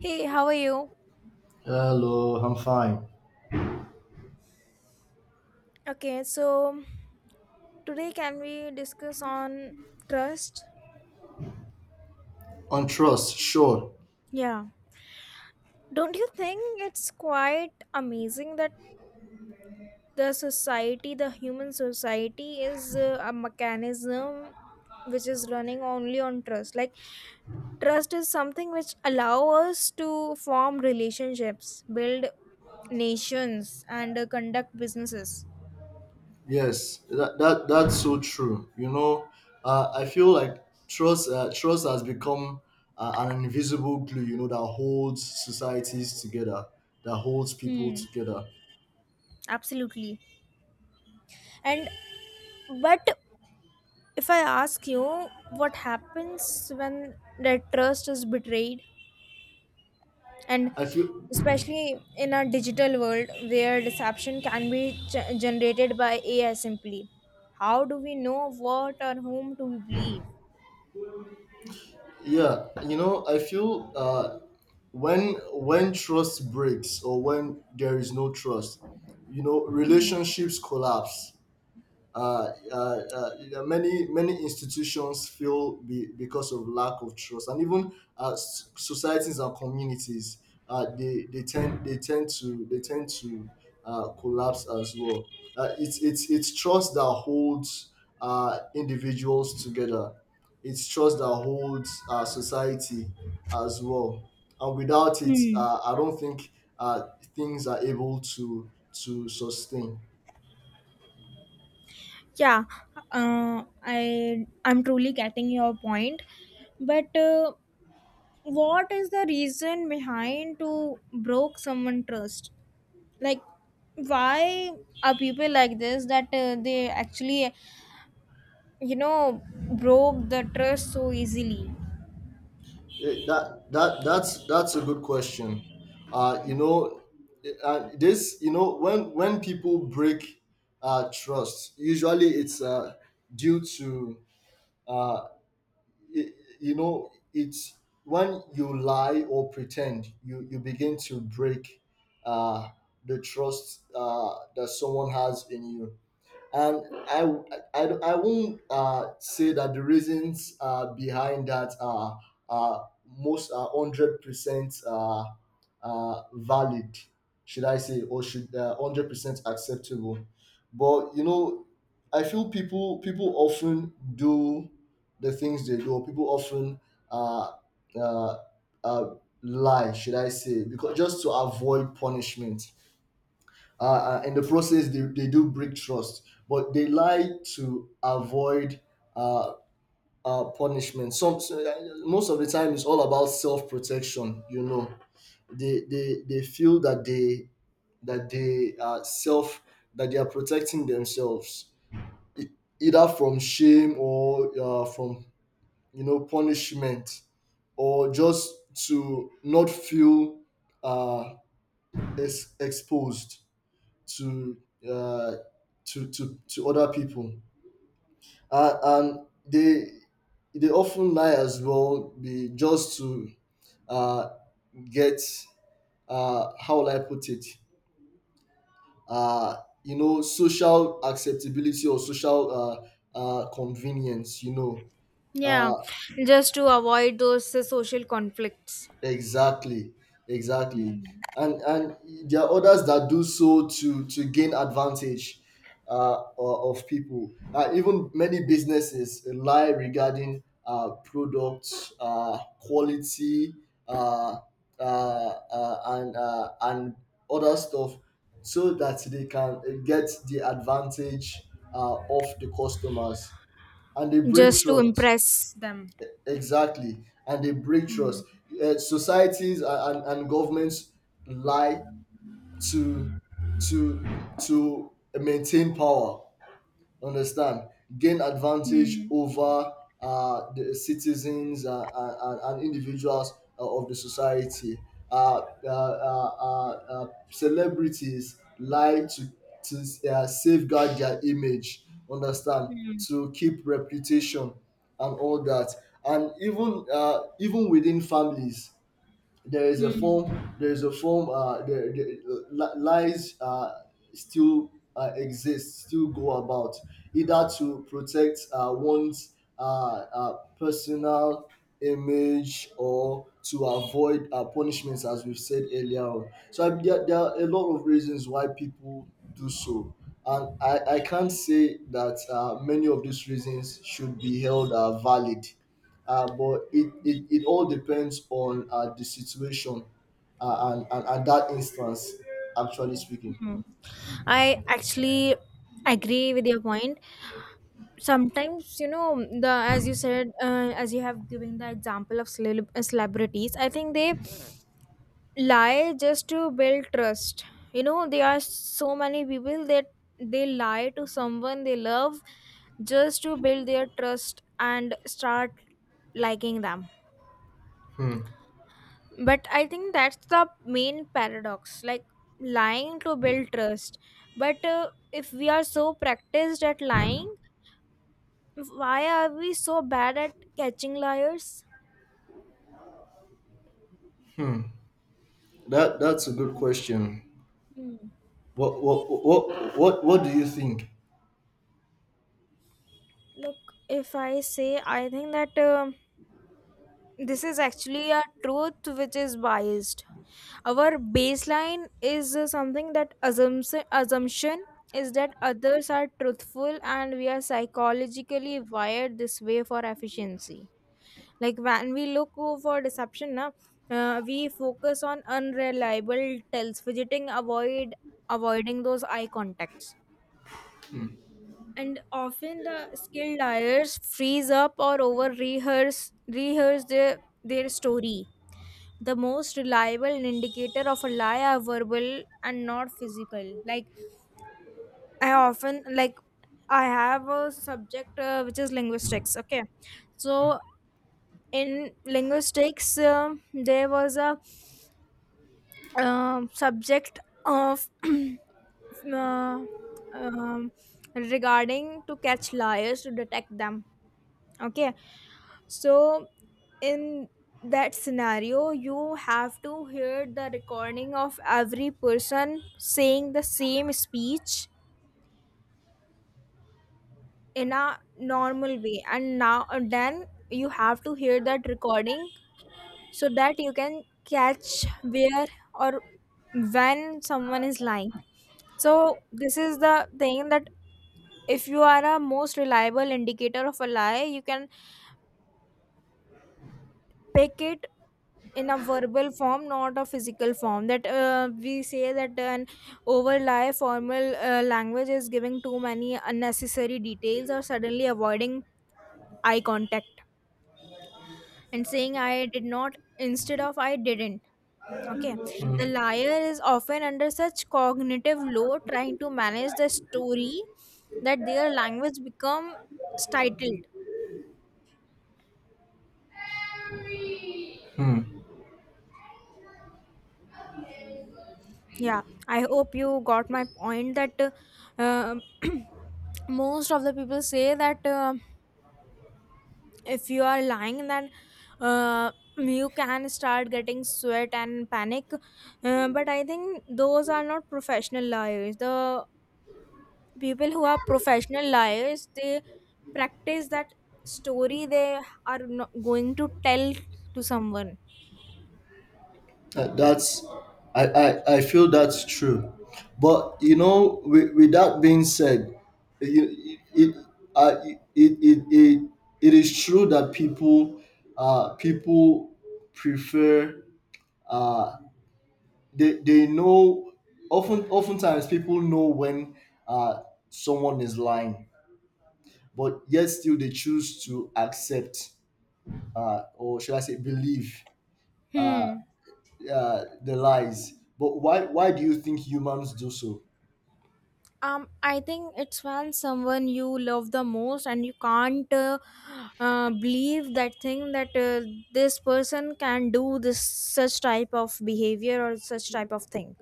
Hey, how are you? Hello, I'm fine. Okay, so today can we discuss on trust? On trust, sure. Yeah. Don't you think it's quite amazing that the society, the human society, is a mechanism which is running only on trust? Like, trust is something which allow us to form relationships, build nations, and conduct businesses. Yes, that's so true. You know, I feel like trust has become an invisible glue. You know, that holds societies together, that holds people Hmm. together. Absolutely. And but if I ask you what happens when that trust is betrayed, and I feel, especially in a digital world where deception can be generated by AI simply, how do we know what or whom to believe? yeah. You know, I feel, when trust breaks or when there is no trust, you know, Hmm. relationships collapse. uh, uh, uh, many institutions fail, because of lack of trust, and even societies and communities, they tend to collapse as well. It's trust that holds individuals together. It's trust that holds society as well, and without it, Hmm. I don't think uh, things are able to sustain. Yeah, I'm truly getting your point, but what is the reason behind to broke someone trust? Like, why are people like this that they actually, you know, broke the trust so easily? That's a good question. uh you know this, when people break trust, usually it's due to, uh y- you know, it's when you lie or pretend, you begin to break uh the trust that someone has in you. And I, I, I won't say that the reasons behind that are, most are 100% valid, should I say, or should 100% acceptable. But, you know, I feel people often do the things they do. Or people often uh, uh, uh, lie, should I say, because, just to avoid punishment. In the process they do break trust, but they lie to avoid uh, punishment, some. So, most of the time it's all about self-protection. They feel that they, that they are self that they are protecting themselves, either from shame or from, punishment, or just to not feel uh, exposed to, uh, to other people, and they they often lie as well, be, just to uh, get, how will I put it, uh, you know, social acceptability, or social convenience, you know. Yeah, Uh, just to avoid those social conflicts, Exactly, exactly, and there are others that do so to gain advantage of people. Even many businesses lie regarding products quality uh, and other stuff, so that they can get the advantage of the customers, and they break just to trust. impress them. Exactly. And they break trust. Societies and governments lie to to maintain power. Understand? Gain advantage Hmm. over the citizens, and individuals of the society. uh, uh, uh, uh, Celebrities lie to, safeguard their image. Understand? Hmm. To keep reputation and all that. And even even within families, Hmm. There is a form, there lies still exist, still go about, either to protect one's personal image, or to avoid punishments, as we've said earlier on. So I, there are a lot of reasons why people do so. And I can't say that many of these reasons should be held valid, but it all depends on the situation, and that instance, actually speaking. Hmm. I actually agree with your point. Sometimes, you know, the as you said, as you have given the example of celebrities, I think they lie just to build trust. You know, there are so many people that they lie to someone they love just to build their trust and start liking them. Hmm. But I think that's the main paradox, like lying to build trust. But if we are so practiced at lying, why are we so bad at catching liars? That's a good question. Hmm. What do you think? Look, if I say, I think that this is actually a truth which is biased. Our baseline is something that assumption is that others are truthful, and we are psychologically wired this way for efficiency. Like, when we look for deception, na, we focus on unreliable tells, fidgeting, avoiding those eye contacts, and often the skilled liars freeze up or over rehearse their story. The most reliable indicator of a lie are verbal and not physical. Like, I often, like, I have a subject, which is linguistics, okay? So in linguistics, there was a subject of uh, um, regarding to catch liars, to detect them, okay? So in that scenario, you have to hear the recording of every person saying the same speech in a normal way, and now and then you have to hear that recording so that you can catch where or when someone is lying. So this is the thing that if you are a most reliable indicator of a lie, you can pick it in a verbal form, not a physical form, that we say that an overly formal language is giving too many unnecessary details or suddenly avoiding eye contact and saying "I did not" instead of "I didn't," okay? The liar is often under such cognitive load trying to manage the story that their language become stilted. Yeah. I hope you got my point that um, most of the people say that if you are lying, then uh, you can start getting sweat and panic. But I think those are not professional liars. The people who are professional liars, they practice that story they are not going to tell to someone. That's I, I I feel that's true. But you know, with that being said, you, it, it, it it it is true that people, people prefer. uh they know, often oftentimes people know when uh someone is lying, but yet still they choose to accept, or should I say, believe Hmm. The lies. But why do you think humans do so? I think it's when someone you love the most, and you can't believe that thing that this person can do this such type of behavior or such type of thing.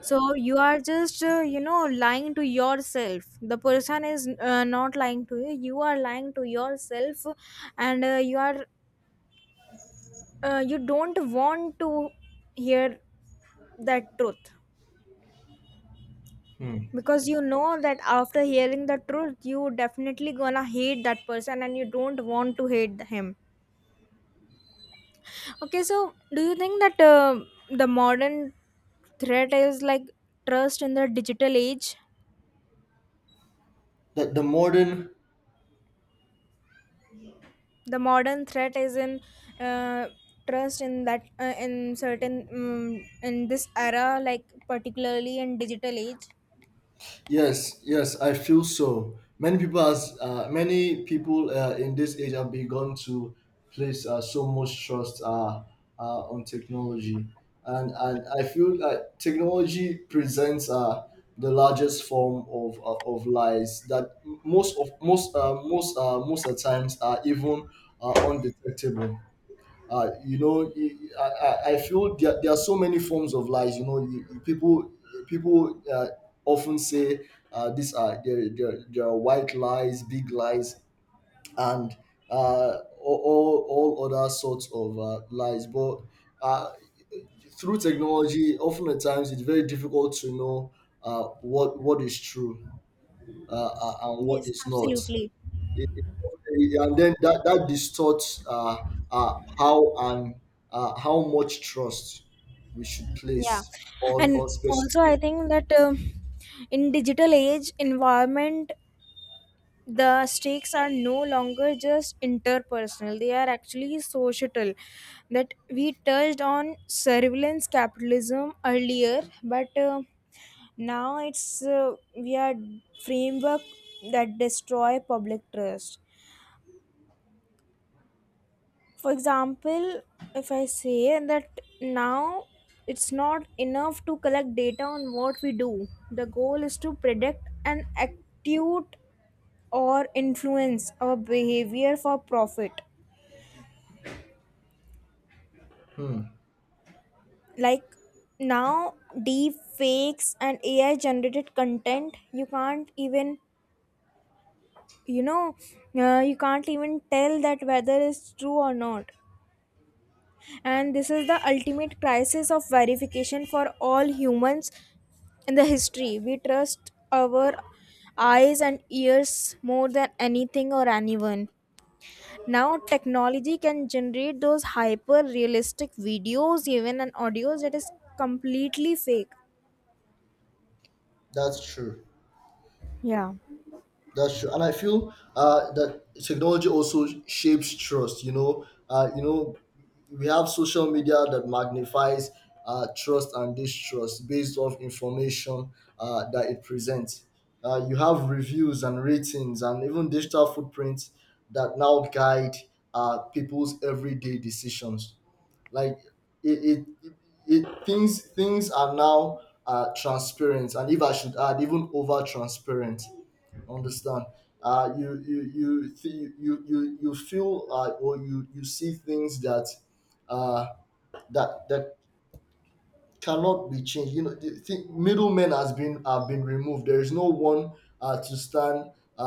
So you are just you know, lying to yourself. The person is not lying to you. You are lying to yourself, and you are you don't want to hear that truth, because you know that after hearing the truth, you definitely gonna hate that person, and you don't want to hate him. Okay, so do you think that the modern threat is like trust in the digital age? That the modern. The modern threat is in uh, trust in that in certain in this era, like particularly in digital age? Yes, yes, I feel so. Many people in this age have begun to place so much trust, on technology, and I feel like technology presents the largest form of, of lies that most of most of the times are even undetectable. You know, I feel there are so many forms of lies. You know, people often say these are, there are white lies, big lies, and all other sorts of lies. But uh, through technology, often at times it's very difficult to know what is true, and what Yes, is not. absolutely. And then that distorts, how, and how much trust we should place Yeah. on And also I specific. think that in digital age environment, the stakes are no longer just interpersonal, they are actually societal. That we touched on surveillance capitalism earlier, but now it's we are framework that destroy public trust. For example, if I say that now, it's not enough to collect data on what we do. The goal is to predict an acute or influence our behavior for profit. Hmm, Like now, deep fakes and AI generated content, you can't even, you know, you can't even tell that whether it's true or not. And this is the ultimate crisis of verification for all humans in the history. We trust our eyes and ears more than anything or anyone. Now technology can generate those hyper realistic videos, even, and audios that is completely fake. that's true. Yeah, That's true, and I feel that technology also shapes trust. You know, we have social media that magnifies trust and distrust based off information that it presents. You have reviews and ratings, and even digital footprints that now guide people's everyday decisions. Like it, it, it, things are now transparent, and if I should add, even over transparent. Understand? You feel, or you see things that, uh, that cannot be changed. You know, the middlemen has been have been removed. There is no one to stand, uh,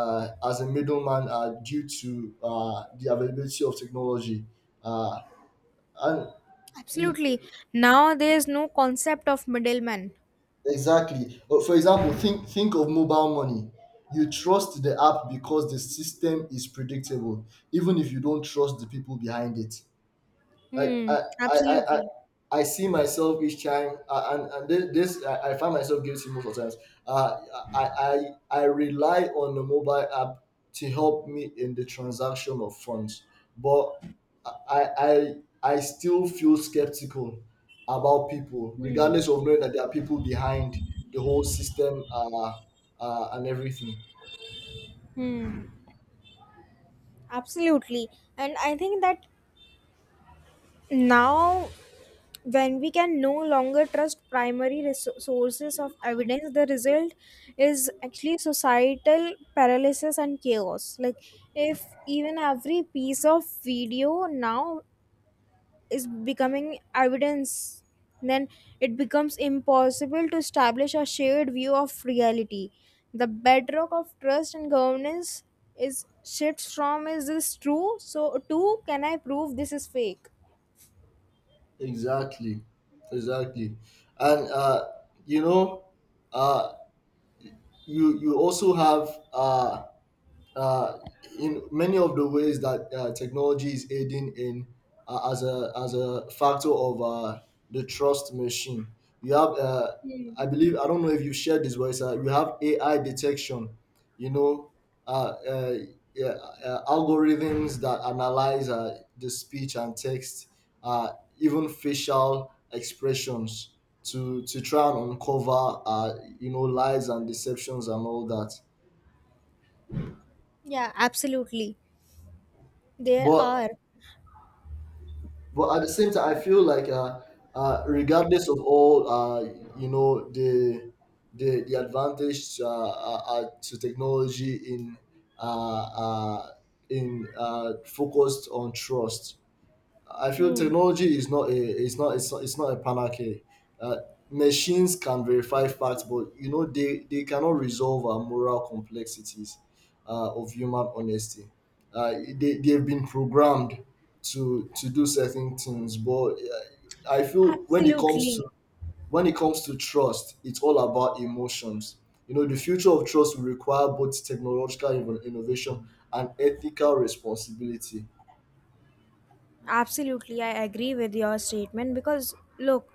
uh, as a middleman, due to the availability of technology, uh, and. absolutely. Now there is no concept of middleman. Exactly. For example, think of mobile money. You trust the app because the system is predictable, even if you don't trust the people behind it. Like Hmm. I I I, Absolutely. I see myself each time, and this, I find myself guilty most of the times. Uh, I rely on the mobile app to help me in the transaction of funds, but I I I still feel skeptical about people, Hmm. regardless of knowing that there are people behind the whole system, and everything. Hmm. Absolutely. And I think that now, when we can no longer trust primary sources of evidence, the result is actually societal paralysis and chaos. Like, if even every piece of video now is becoming evidence, then it becomes impossible to establish a shared view of reality. The bedrock of trust and governance is shifts from "is this true" so to "can I prove this is fake." Exactly, exactly, and you know. Uh, you also have uh, in many of the ways that technology is aiding in, as a factor of the trust machine. You have, I believe, I don't know if you shared this, but you have AI detection. You know, uh, uh, yeah, algorithms that analyze the speech and text, uh, even facial expressions. To try and uncover, you know, lies and deceptions and all that. Yeah, absolutely, there but are. but at the same time, I feel like regardless of all, you know, the the advantage, to technology in, uh, uh, focused on trust. I feel Hmm. technology is not a it's not it's, it's not a panacea. Uh, Machines can verify facts, but you know they cannot resolve our moral complexities of human honesty. Uh, they have been programmed to do certain things, but I feel when it comes to, Absolutely. when it comes to trust, it's all about emotions. You know, the future of trust will require both technological innovation and ethical responsibility. Absolutely. I agree with your statement because, look,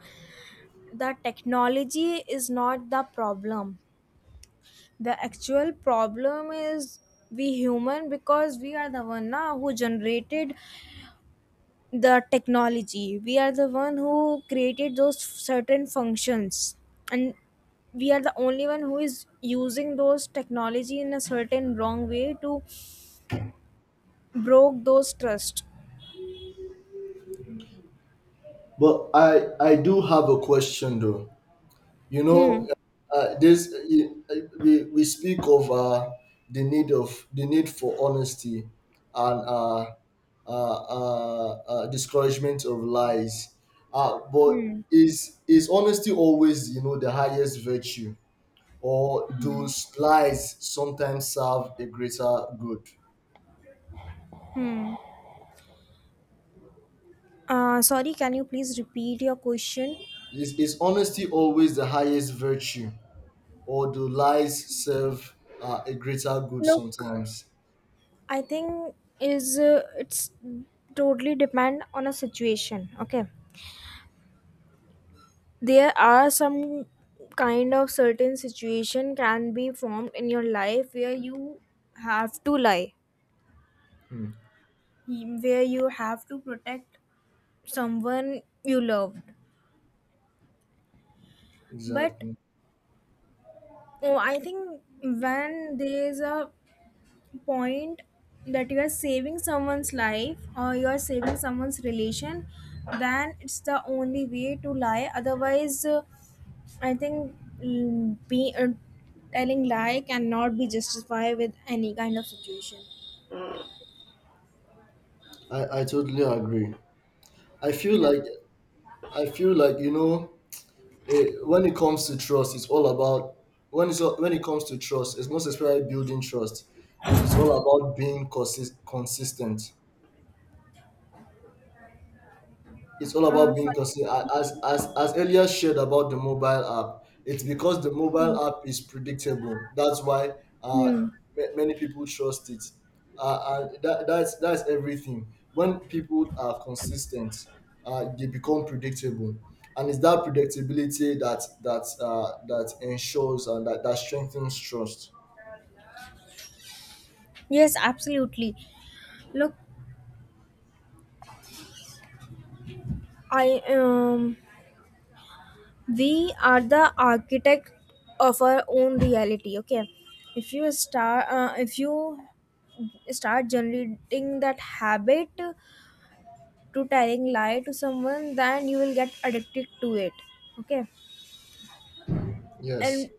the technology is not the problem. The actual problem is we human, because we are the one, na, who generated the technology. We are the one who created those certain functions. And we are the only one who is using those technology in a certain wrong way to broke those trust. But I do have a question though. You Hmm. know, we speak of the need for honesty and, uh, discouragement of lies. But Hmm. is honesty always, you know, the highest virtue, or do lies sometimes serve a greater good? Sorry, can you please repeat your question? Is honesty always the highest virtue? Or do lies serve a greater good Look, sometimes? I think is it's totally depend on a situation. Okay, there are some kind of certain situation can be formed in your life where you have to lie, Hmm. where you have to protect someone you loved. But Exactly. oh, I think when there's a point that you are saving someone's life or you are saving someone's relation, then it's the only way to lie. Otherwise, I think, mm, be telling lie cannot be justified with any kind of situation. I totally agree. I feel Yeah. like I feel like, you know, when it comes to trust, it's all about, when it comes to trust, it's most especially building trust. It's all about being consistent. It's all about being Sorry. consistent. As earlier shared about the mobile app, it's because the mobile app is predictable. That's why uh, Hmm. Many people trust it, uh, and that's everything. When people are consistent, they become predictable, and it's that predictability that ensures, and that strengthens trust. Yes, absolutely. Look, I, we are the architect of our own reality. Okay, if you start generating that habit to telling lie to someone, then you will get addicted to it, okay? Yes. And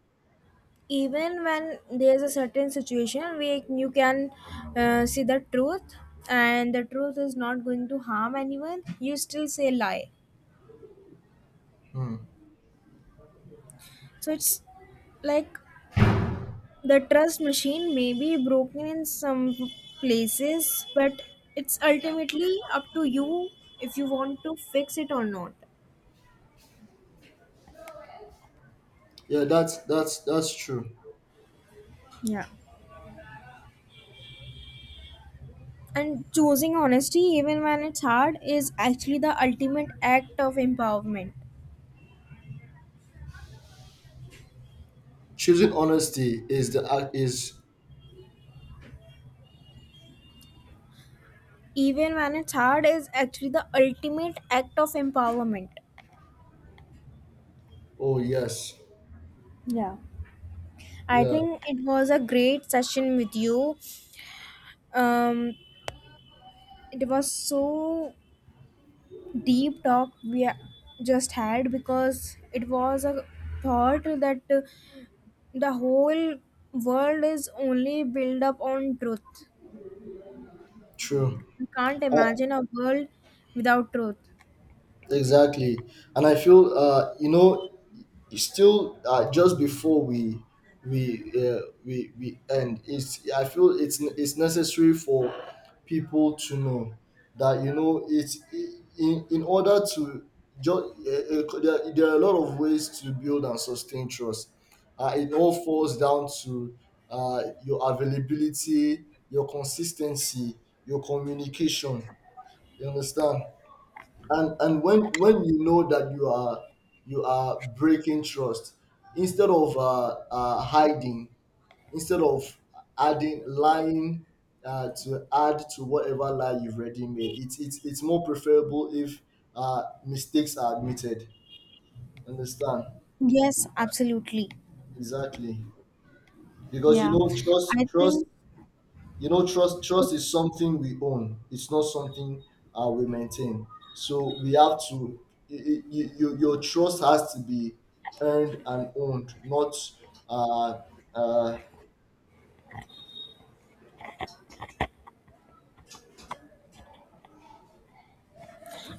even when there's a certain situation where you can see the truth, and the truth is not going to harm anyone, you still say lie. Hmm. So it's like the trust machine may be broken in some places, but it's ultimately up to you if you want to fix it or not. Yeah, that's true. Yeah. And choosing honesty, even when it's hard, is actually the ultimate act of empowerment. Choosing honesty is the act is. Even when it's hard, is actually the ultimate act of empowerment. Oh yes. I Yeah. think it was a great session with you. Um, it was so deep talk we just had, because it was a thought that the whole world is only built up on truth. True. We can't Uh, imagine a world without truth. exactly. And I feel, you know, still just before we end, it's I feel it's necessary for people to know that, you know, it's in order to, just there are a lot of ways to build and sustain trust. It all falls down to your availability, your consistency, your communication. You understand? And when you know that you are breaking trust, instead of hiding, instead of adding, lying to add to whatever lie you've already made, it's more preferable if mistakes are admitted. Understand? Yes, absolutely. Exactly. Because you Yeah. know, trust I trust think you know, trust is something we own, it's not something we maintain. So we have to, your trust has to be earned and owned, not uh, uh,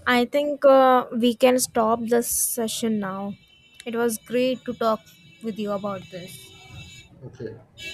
I think we can stop this session now. It was great to talk with you about this. okay.